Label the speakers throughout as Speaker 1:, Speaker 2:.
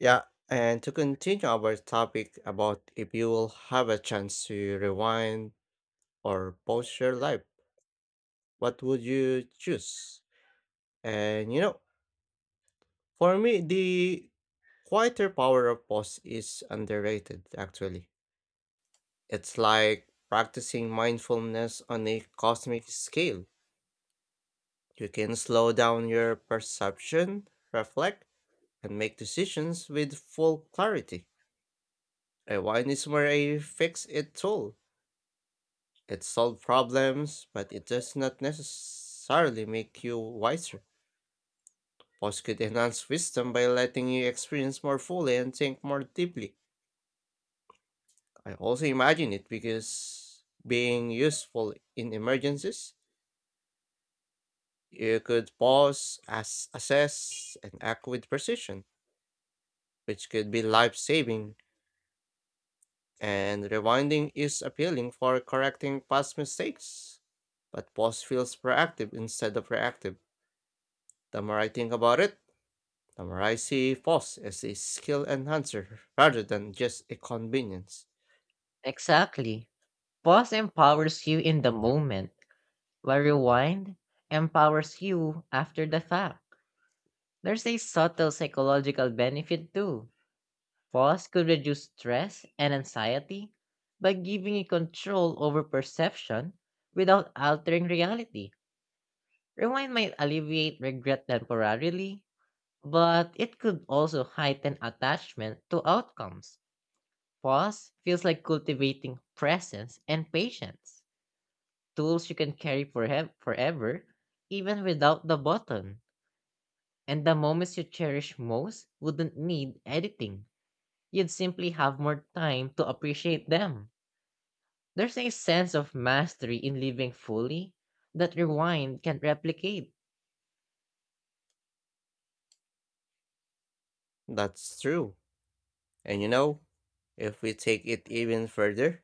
Speaker 1: Yeah, and to continue our topic about if you will have a chance to rewind or pause your life, what would you choose? And you know, for me, the quieter power of pause is underrated actually. It's like practicing mindfulness on a cosmic scale. You can slow down your perception, reflect, and make decisions with full clarity. Rewind is more a fix it tool. It solves problems, but it does not necessarily make you wiser. Books could enhance wisdom by letting you experience more fully and think more deeply. I also imagine it because being useful in emergencies, you could pause, assess, and act with precision, which could be life saving. And rewinding is appealing for correcting past mistakes, but pause feels proactive instead of reactive. The more I think about it, The I see FOSS as a skill enhancer rather than just a convenience.
Speaker 2: Exactly. Pause empowers you in the moment, while rewind empowers you after the fact. There's a subtle psychological benefit too. Pause could reduce stress and anxiety by giving you control over perception without altering reality. Rewind might alleviate regret temporarily, but it could also heighten attachment to outcomes. Pause feels like cultivating presence and patience, tools you can carry forever, even without the button. And the moments you cherish most wouldn't need editing. You'd simply have more time to appreciate them. There's a sense of mastery in living fully that rewind can't replicate.
Speaker 1: That's true. And you know, if we take it even further,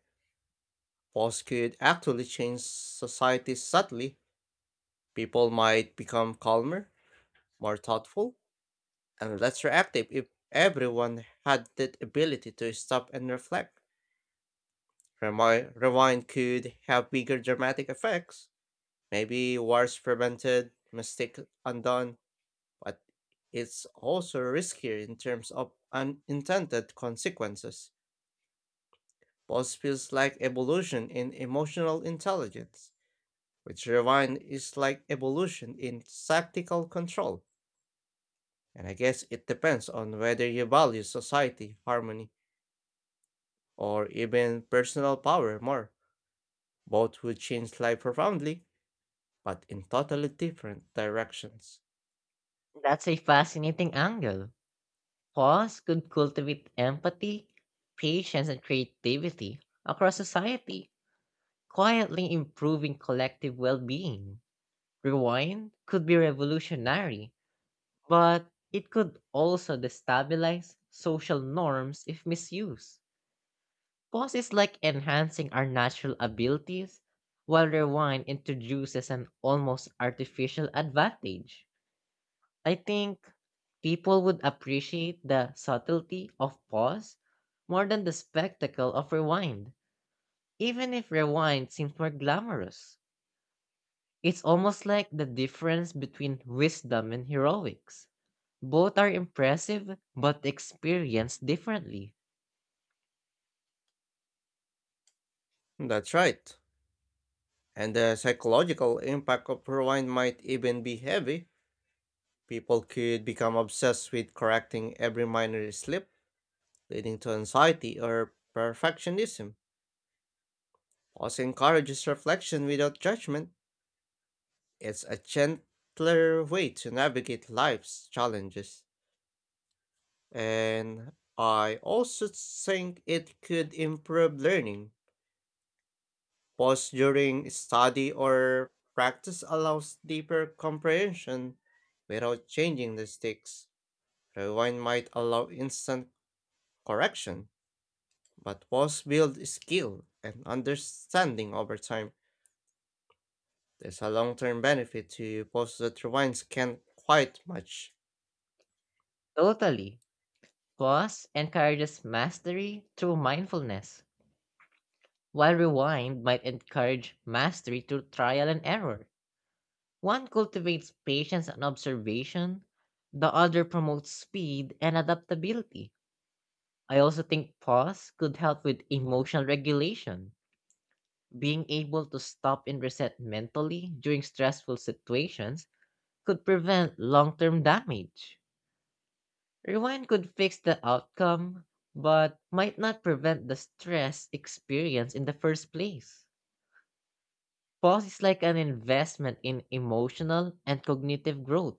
Speaker 1: FOSS could actually change society subtly. People might become calmer, more thoughtful, and less reactive if everyone had that ability to stop and reflect. Rewind could have bigger dramatic effects. Maybe wars prevented, mistakes undone, but it's also riskier in terms of unintended consequences. Pulse feels like evolution in emotional intelligence, which rewind is like evolution in tactical control. And I guess it depends on whether you value society, harmony, or even personal power more. Both would change life profoundly, but in totally different directions.
Speaker 2: That's a fascinating angle. Pause could cultivate empathy, patience, and creativity across society, quietly improving collective well being. Rewind could be revolutionary, but it could also destabilize social norms if misused. Pause is like enhancing our natural abilities, while rewind introduces an almost artificial advantage. I think people would appreciate the subtlety of pause more than the spectacle of rewind, even if rewind seems more glamorous. It's almost like the difference between wisdom and heroics. Both are impressive, but experienced differently.
Speaker 1: That's right. And the psychological impact of rewind might even be heavy. People could become obsessed with correcting every minor slip, leading to anxiety or perfectionism. Pause encourages reflection without judgment. It's a gentler way to navigate life's challenges. And I also think it could improve learning. Pause during study or practice allows deeper comprehension without changing the sticks. Rewind might allow instant correction. But walls build skill and understanding over time. There's a long term benefit to posts that rewinds can't quite match.
Speaker 2: Totally. Pause encourages mastery through mindfulness, while rewind might encourage mastery through trial and error. One cultivates patience and observation, the other promotes speed and adaptability. I also think pause could help with emotional regulation. Being able to stop and reset mentally during stressful situations could prevent long term damage. Rewind could fix the outcome, but might not prevent the stress experienced in the first place. Pause is like an investment in emotional and cognitive growth,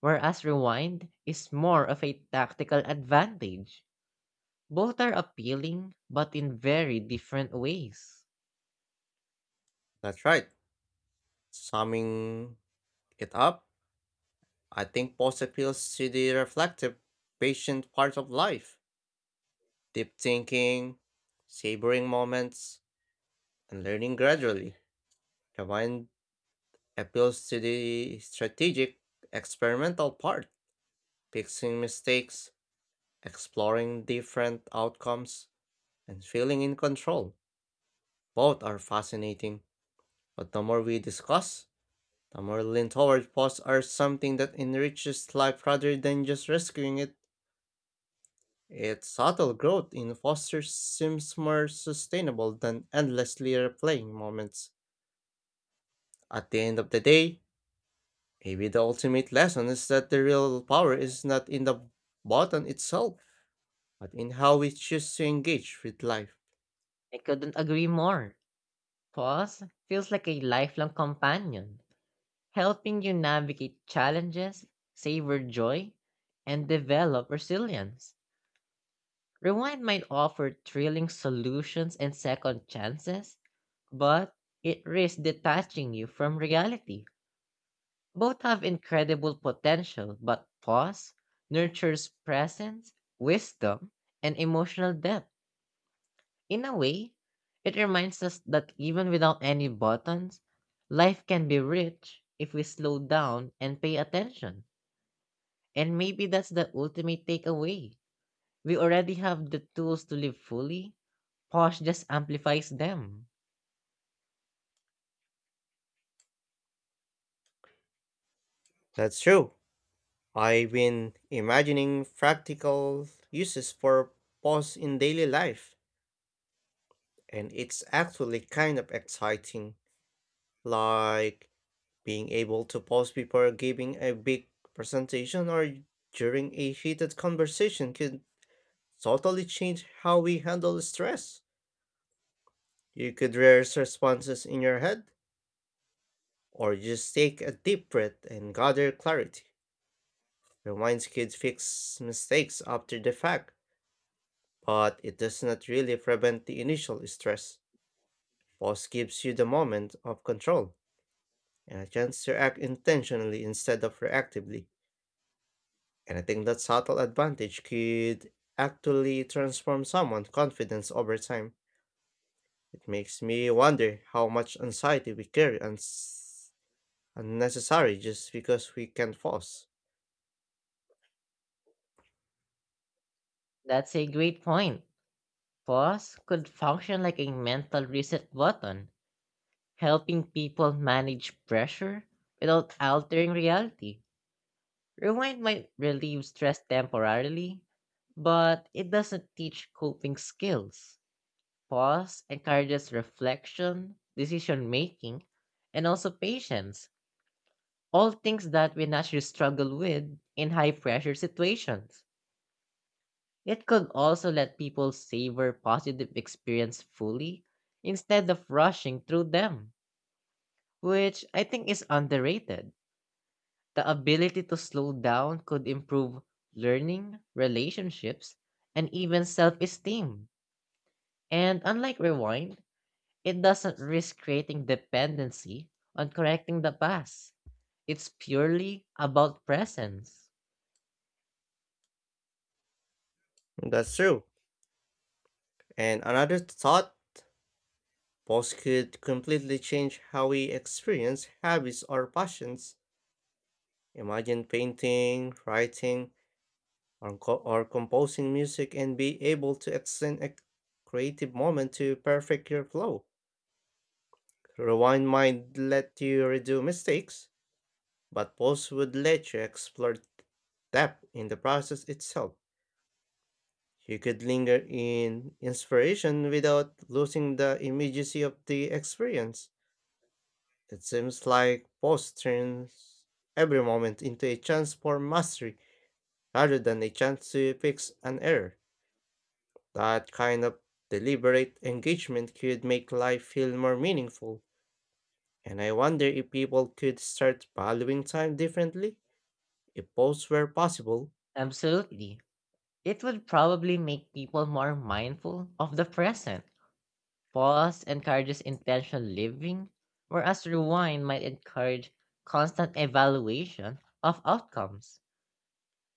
Speaker 2: whereas rewind is more of a tactical advantage. Both are appealing, but in very different ways.
Speaker 1: That's right. Summing it up, I think post appeals to the reflective, patient part of life, deep thinking, savoring moments, and learning gradually. Rewind appeals to the strategic, experimental part, fixing mistakes, exploring different outcomes and feeling in control. Both are fascinating, but the more we discuss, the more lean toward posts are something that enriches life rather than just rescuing it. Its subtle growth in Foster seems more sustainable than endlessly replaying moments. At the end of the day, maybe the ultimate lesson is that the real power is not in the button itself, but in how we choose to engage with life.
Speaker 2: I couldn't agree more. Pause feels like a lifelong companion, helping you navigate challenges, savor joy, and develop resilience. Rewind might offer thrilling solutions and second chances, but it risks detaching you from reality. Both have incredible potential, but pause nurtures presence, wisdom, and emotional depth. In a way, it reminds us that even without any buttons, life can be rich if we slow down and pay attention. And maybe that's the ultimate takeaway. We already have the tools to live fully. Pause just amplifies them.
Speaker 1: That's true. I've been imagining practical uses for pause in daily life, and it's actually kind of exciting, like being able to pause before giving a big presentation or during a heated conversation could totally change how we handle stress. You could rehearse responses in your head, or just take a deep breath and gather clarity. Reminds kids fix mistakes after the fact but it does not really prevent the initial stress. Pause gives you the moment of control and a chance to act intentionally instead of reactively. And I think that subtle advantage could actually transform someone's confidence over time. It makes me wonder how much anxiety we carry unnecessary just because we can pause.
Speaker 2: That's a great point. Pause could function like a mental reset button, helping people manage pressure without altering reality. Rewind might relieve stress temporarily, but it doesn't teach coping skills. Pause encourages reflection, decision making, and also patience, all things that we naturally struggle with in high pressure situations. It could also let people savor positive experience fully instead of rushing through them, which I think is underrated. The ability to slow down could improve learning, relationships, and even self esteem. And unlike rewind, it doesn't risk creating dependency on correcting the past. It's purely about presence.
Speaker 1: That's true. And another thought, pause could completely change how we experience habits or passions. Imagine painting, writing, or composing music and be able to extend a creative moment to perfect your flow. Rewind might let you redo mistakes, but pause would let you explore depth in the process itself. You could linger in inspiration without losing the immediacy of the experience. It seems like pause turns every moment into a chance for mastery rather than a chance to fix an error. That kind of deliberate engagement could make life feel more meaningful, and I wonder if people could start valuing time differently if pause were possible.
Speaker 2: Absolutely. It would probably make people more mindful of the present. Pause encourages intentional living, whereas rewind might encourage constant evaluation of outcomes.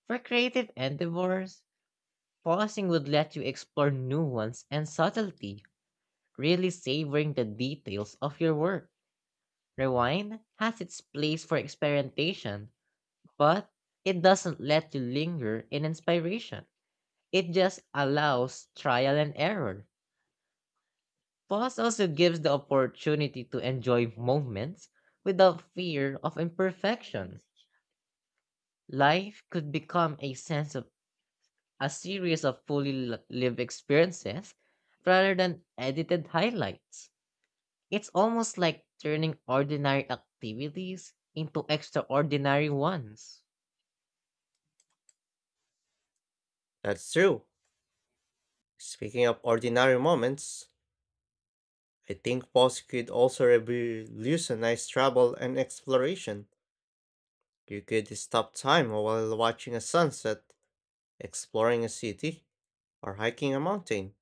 Speaker 2: For creative endeavors, pausing would let you explore nuance and subtlety, really savoring the details of your work. Rewind has its place for experimentation, but it doesn't let you linger in inspiration. It just allows trial and error. Pause also gives the opportunity to enjoy moments without fear of imperfection. Life could become a sense of a series of lived experiences rather than edited highlights. It's almost like turning ordinary activities into extraordinary ones.
Speaker 1: That's true. Speaking of ordinary moments, I think pause could also revolutionize travel and exploration. You could stop time while watching a sunset, exploring a city, or hiking a mountain,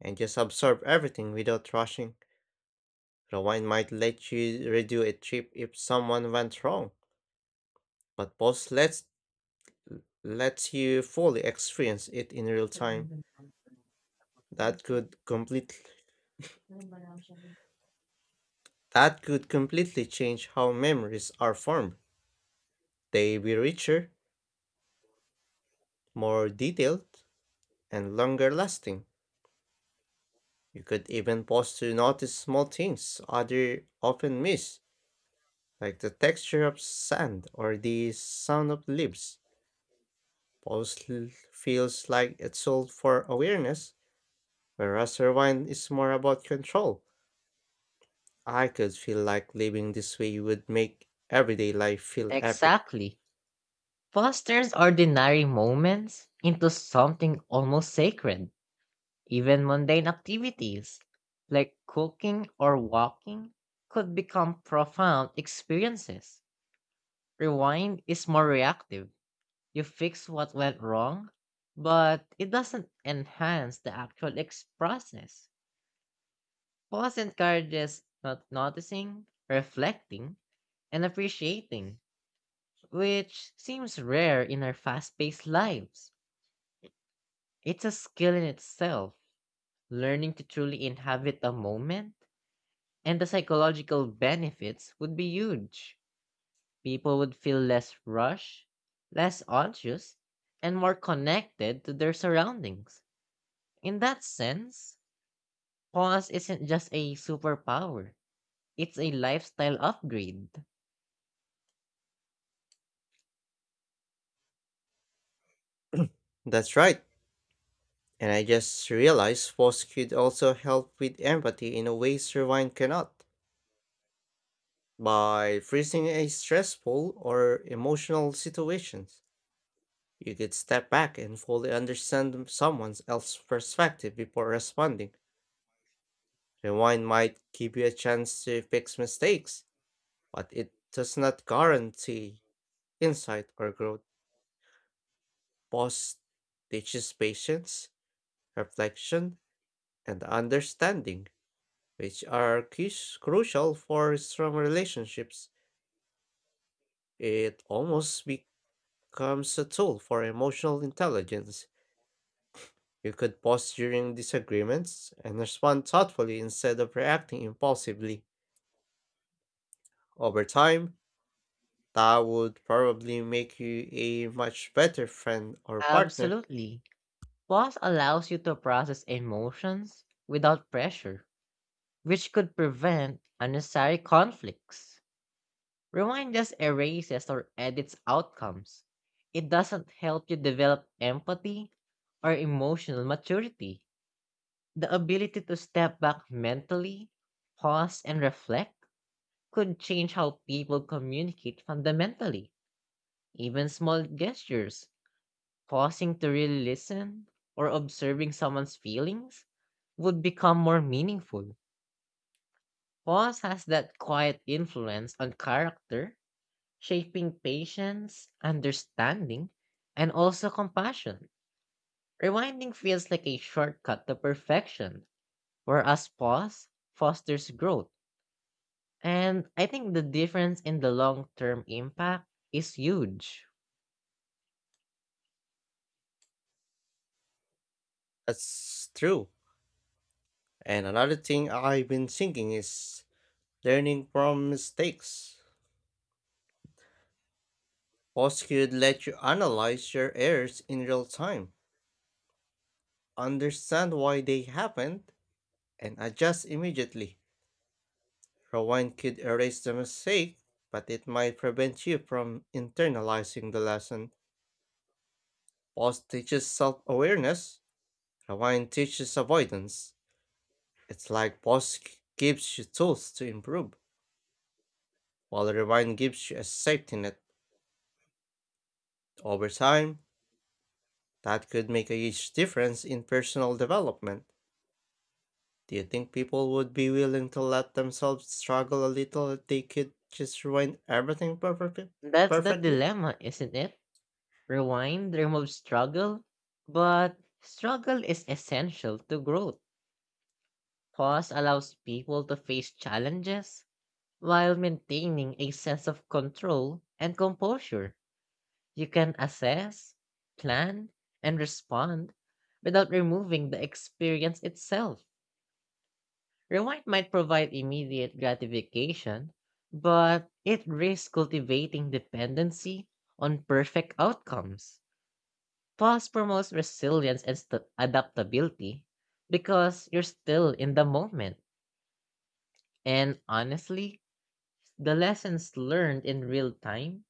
Speaker 1: and just absorb everything without rushing. Rewind might let you redo a trip if someone went wrong, but pause lets lets you fully experience it in real time. That could completely that could completely change how memories are formed. They be richer, more detailed, and longer lasting. You could even pause to notice small things others often miss, like the texture of sand or the sound of leaves. Feels like it's all for awareness. Whereas Rewind is more about control. I could feel like living this way would make everyday life feel epic.
Speaker 2: Exactly. Fosters ordinary moments into something almost sacred. Even mundane activities like cooking or walking could become profound experiences. Rewind is more reactive. You fix what went wrong, but it doesn't enhance the process. Pause encourages not noticing, reflecting, and appreciating, which seems rare in our fast paced lives. It's a skill in itself, learning to truly inhabit a moment. And the psychological benefits would be huge. People would feel less rushed, less anxious, and more connected to their surroundings. In that sense, pause isn't just a superpower, it's a lifestyle upgrade.
Speaker 1: That's right. And I just realized Force could also help with empathy in a way Rewind cannot. By freezing a stressful or emotional situations, you could step back and fully understand someone else's perspective before responding. Rewind might give you a chance to fix mistakes, but it does not guarantee insight or growth. Pause teaches patience, reflection, and understanding, which are crucial for strong relationships. It almost becomes a tool for emotional intelligence. You could pause during disagreements and respond thoughtfully instead of reacting impulsively. Over time, that would probably make you a much better friend or partner.
Speaker 2: Absolutely. Pause allows you to process emotions without pressure, which could prevent unnecessary conflicts. Rewind just erases or edits outcomes. It doesn't help you develop empathy or emotional maturity. The ability to step back mentally, pause, and reflect could change how people communicate fundamentally. Even small gestures, pausing to really listen or observing someone's feelings, would become more meaningful. Pause has that quiet influence on character, shaping patience, understanding, and also compassion. Rewinding feels like a shortcut to perfection, whereas pause fosters growth. And I think the difference in the long term impact is huge.
Speaker 1: That's true. And another thing I've been thinking is learning from mistakes. Post could let you analyze your errors in real time, understand why they happened, and adjust immediately. Rewind could erase the mistake, but it might prevent you from internalizing the lesson. Pause teaches self awareness, rewind teaches avoidance. It's like gives you tools to improve, while rewind gives you a safety net. Over time, that could make a huge difference in personal development. Do you think people would be willing to let themselves struggle a little if they could just ruin everything perfectly?
Speaker 2: That's the
Speaker 1: Perfectly?
Speaker 2: dilemma, isn't it? Rewind removes struggle, but struggle is essential to growth. Pause allows people to face challenges while maintaining a sense of control and composure. You can assess, plan, and respond without removing the experience itself. Rewind might provide immediate gratification, but it risks cultivating dependency on perfect outcomes. Pause promotes resilience and adaptability because you're still in the moment. And honestly, the lessons learned in real time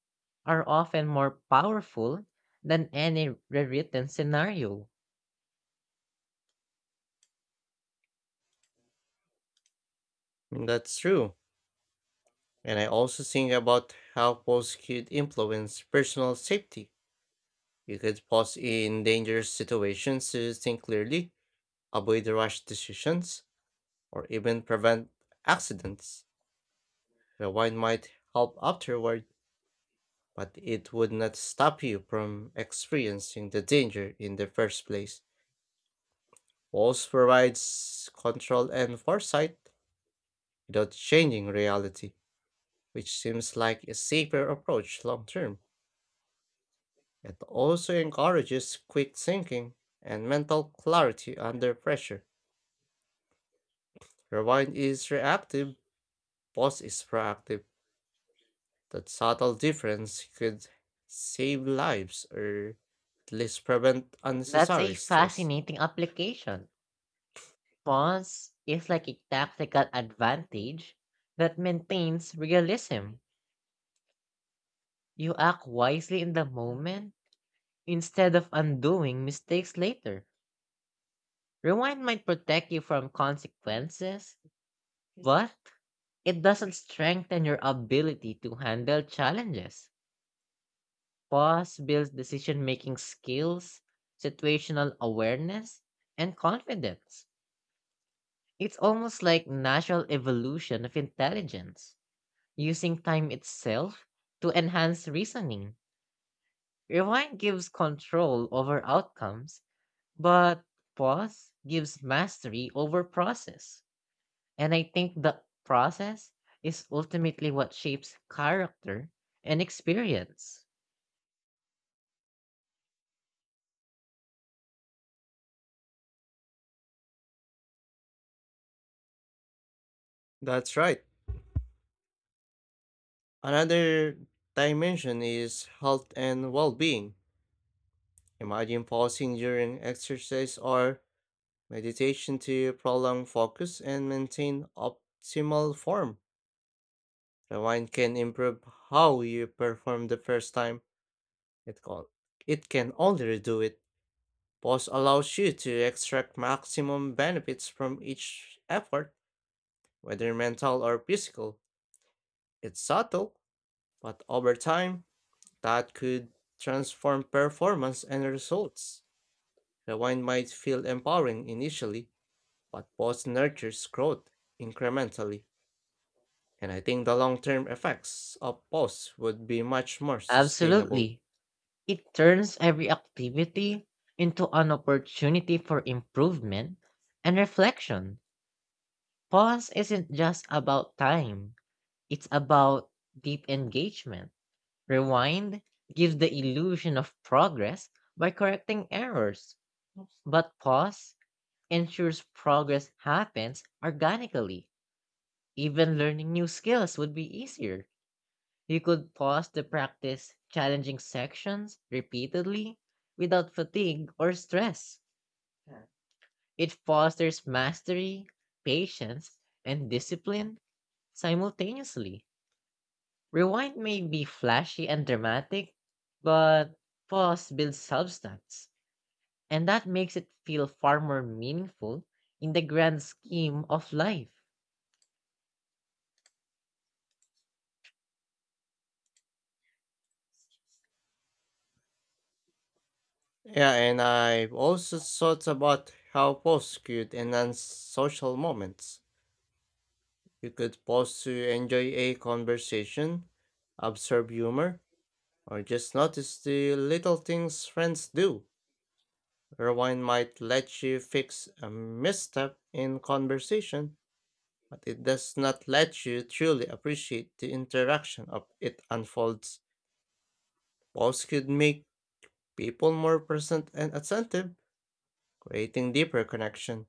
Speaker 2: are often more powerful than any rewritten scenario.
Speaker 1: I mean, that's true. And I also think about how posts could influence personal safety. You could pause in dangerous situations to think clearly, avoid rash decisions, or even prevent accidents. Rewind might help afterward, but it would not stop you from experiencing the danger in the first place. Walls provides control and foresight without changing reality, which seems like a safer approach long term. It also encourages quick thinking and mental clarity under pressure. Rewind is reactive, pause is proactive. That subtle difference could save lives or at least prevent
Speaker 2: That's a
Speaker 1: unnecessary stress.
Speaker 2: fascinating application. Pause is like a tactical advantage that maintains realism. You act wisely in the moment instead of undoing mistakes later. Rewind might protect you from consequences, but it doesn't strengthen your ability to handle challenges. Pause builds decision making skills, situational awareness, and confidence. It's almost like natural evolution of intelligence, using time itself to enhance reasoning. Rewind gives control over outcomes, but pause gives mastery over process. And I think the process is ultimately what shapes character and experience.
Speaker 1: That's right. Another dimension is health and well being. Imagine pausing during exercise or meditation to prolong focus and maintain optimal form. Rewind can improve how you perform the first time. It can, it can only redo it. Pause allows you to extract maximum benefits from each effort, whether mental or physical. It's subtle, but over time, that could transform performance and results. Rewind might feel empowering initially but both nurtures growth incrementally, and I think the long term effects of both would be much more sustainable.
Speaker 2: Absolutely. It turns every activity into an opportunity for improvement and reflection. Pause isn't just about time, it's about deep engagement. Rewind gives the illusion of progress by correcting errors, but pause ensures progress happens organically. Even learning new skills would be easier. You could pause to practice challenging sections repeatedly without fatigue or stress. It fosters mastery, patience, and discipline simultaneously. Rewind may be flashy and dramatic, but pause builds substance, and that makes it feel far more meaningful in the grand scheme of life.
Speaker 1: Yeah, and I've also thought about how posts could enhance social moments. You could pause to enjoy a conversation, observe humor, or just notice the little things friends do. Rewind might let you fix a misstep in conversation but it does not let you truly appreciate the interaction of it unfolds. Posts could make people more present and attentive, creating deeper connection.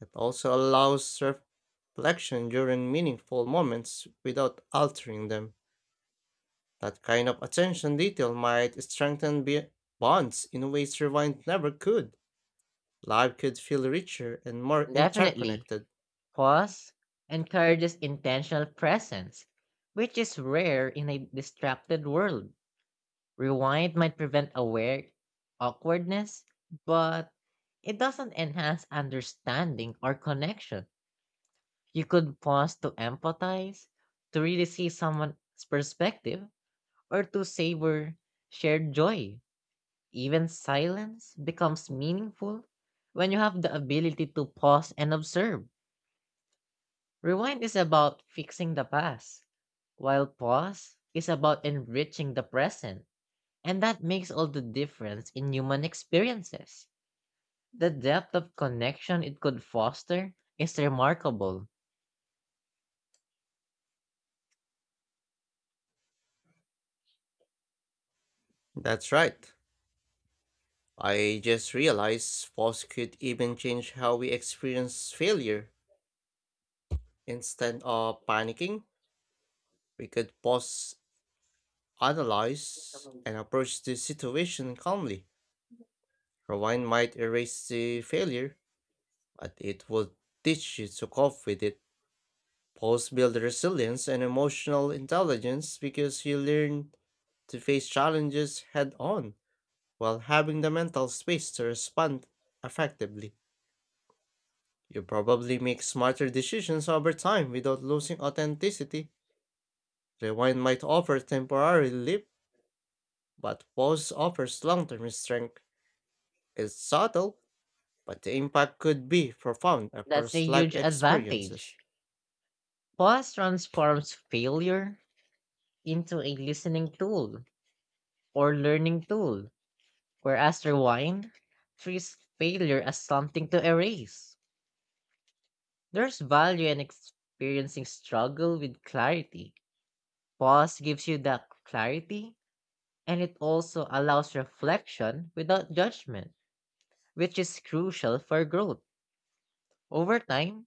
Speaker 1: It also allows reflection during meaningful moments without altering them. That kind of attention detail might strengthen bonds in ways rewind never could. Life could feel richer and more
Speaker 2: Definitely,
Speaker 1: interconnected.
Speaker 2: pause encourages intentional presence, which is rare in a distracted world. Rewind might prevent aware awkwardness, but it doesn't enhance understanding or connection. You could pause to empathize, to really see someone's perspective, or to savor shared joy. Even silence becomes meaningful when you have the ability to pause and observe. Rewind is about fixing the past, while pause is about enriching the present. And that makes all the difference in human experiences. The depth of connection it could foster is remarkable.
Speaker 1: That's right. I just realized falls could even change how we experience failure. Instead of panicking, we could pause, analyze, and approach the situation calmly. Rewind might erase the failure, but it would teach you to cope with it. Pause build resilience and emotional intelligence because you learn to face challenges head on while having the mental space to respond effectively. You probably make smarter decisions over time without losing authenticity. Rewind might offer temporary relief, but pause offers long term strength. It's subtle, but the impact could be profound
Speaker 2: That's a
Speaker 1: across life
Speaker 2: huge
Speaker 1: experiences.
Speaker 2: advantage. Pause transforms failure into a listening tool or learning tool, whereas rewind treats failure as something to erase. There's value in experiencing struggle with clarity. Pause gives you that clarity, and it also allows reflection without judgment, which is crucial for growth. Over time,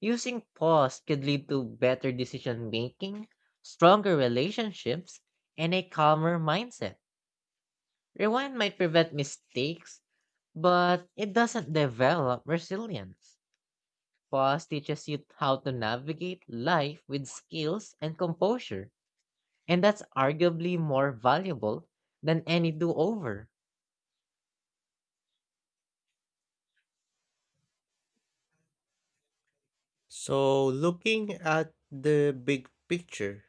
Speaker 2: using pause could lead to better decision making, stronger relationships, and a calmer mindset. Rewind might prevent mistakes, but it doesn't develop resilience. Pause teaches you how to navigate life with skills and composure, and that's arguably more valuable than any do over.
Speaker 1: So, looking at the big picture,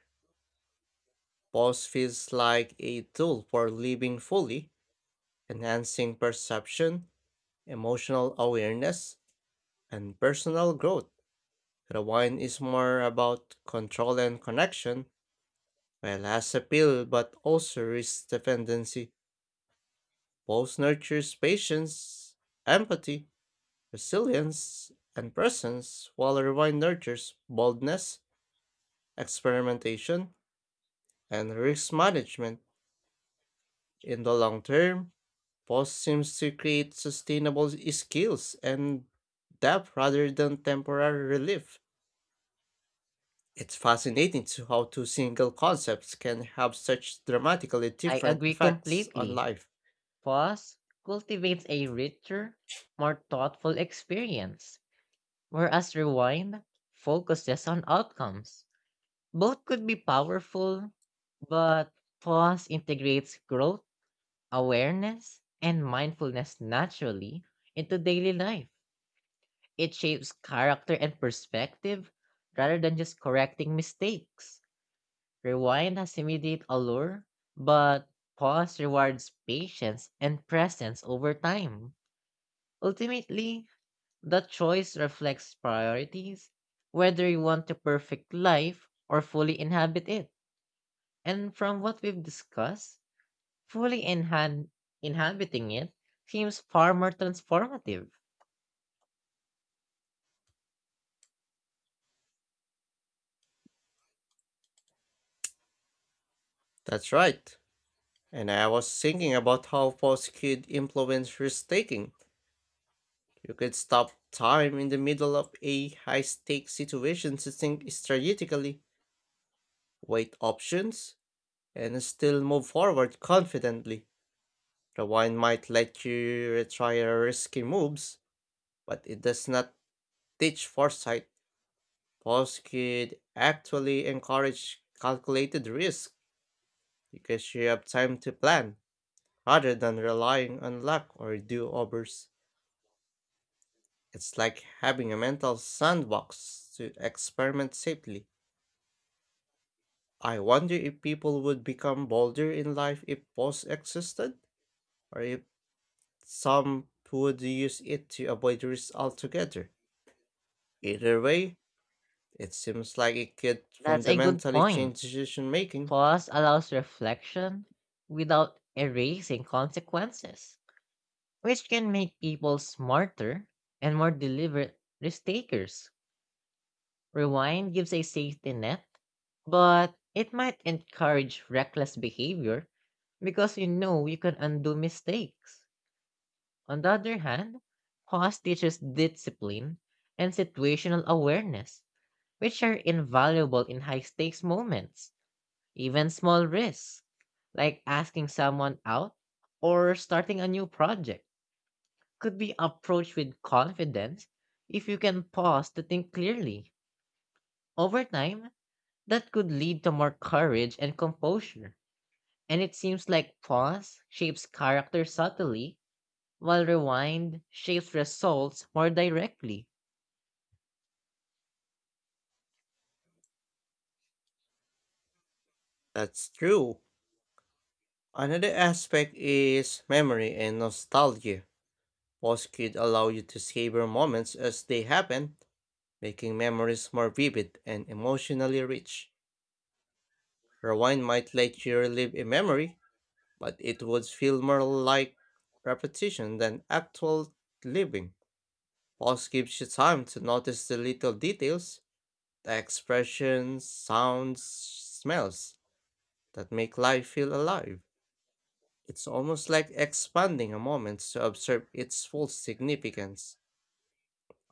Speaker 1: pause feels like a tool for living fully, enhancing perception, emotional awareness, and personal growth. Rewind is more about control and connection, while has appeal but also risks dependency. Both nurtures patience, empathy, resilience, and presence, while rewind nurtures boldness, experimentation, and risk management. In the long term, both seems to create sustainable skills and depth rather than temporary relief. It's fascinating to how two single concepts can have such dramatically
Speaker 2: I
Speaker 1: different
Speaker 2: agree
Speaker 1: effects on
Speaker 2: completely.
Speaker 1: life.
Speaker 2: Pause cultivates a richer, more thoughtful experience, whereas rewind focuses on outcomes. Both could be powerful, but pause integrates growth, awareness, and mindfulness naturally into daily life. It shapes character and perspective rather than just correcting mistakes. Rewind has immediate allure, but pause rewards patience and presence over time. Ultimately, the choice reflects priorities, whether you want a perfect life or fully inhabit it. And from what we've discussed, Fully inhan- inhabiting it seems far more transformative.
Speaker 1: That's right. And I was thinking about how pause could influence risk taking. You could stop time in the middle of a high stakes situation to think strategically, weigh options, and still move forward confidently. Rewind might let you retry your risky moves, but it does not teach foresight. Pause could actually encourage calculated risk because you have time to plan rather than relying on luck or do overs. It's like having a mental sandbox to experiment safely. I wonder if people would become bolder in life if pause existed, or if some would use it to avoid risk altogether. Either way, it seems like it could
Speaker 2: That's a good
Speaker 1: fundamentally
Speaker 2: point.
Speaker 1: change decision making.
Speaker 2: Pause allows reflection without erasing consequences, which can make people smarter and more deliberate risk takers. Rewind gives a safety net, but it might encourage reckless behavior because you know you can undo mistakes. On the other hand, pause teaches discipline and situational awareness, which are invaluable in high stakes moments. Even small risks, like asking someone out or starting a new project, could be approached with confidence if you can pause to think clearly. Over time, that could lead to more courage and composure. And it seems like pause shapes character subtly, while rewind shapes results more directly.
Speaker 1: That's true. Another aspect is memory and nostalgia. Posts could allow you to savor moments as they happen, making memories more vivid and emotionally rich. Rewind might let you relive a memory, but it would feel more like repetition than actual living. Pause gives you time to notice the little details, the expressions, sounds, smells that make life feel alive. It's almost like expanding a moment to observe its full significance.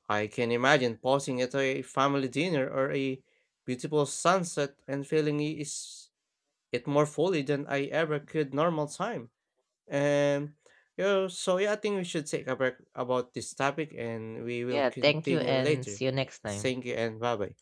Speaker 1: I can imagine pausing at a family dinner or a beautiful sunset and feeling I- is it more fully than I ever could normal time. And you know, so yeah, I think we should take a break about this topic and we will
Speaker 2: Yeah, thank you
Speaker 1: continue
Speaker 2: and
Speaker 1: later.
Speaker 2: see you next time.
Speaker 1: Thank you and bye bye.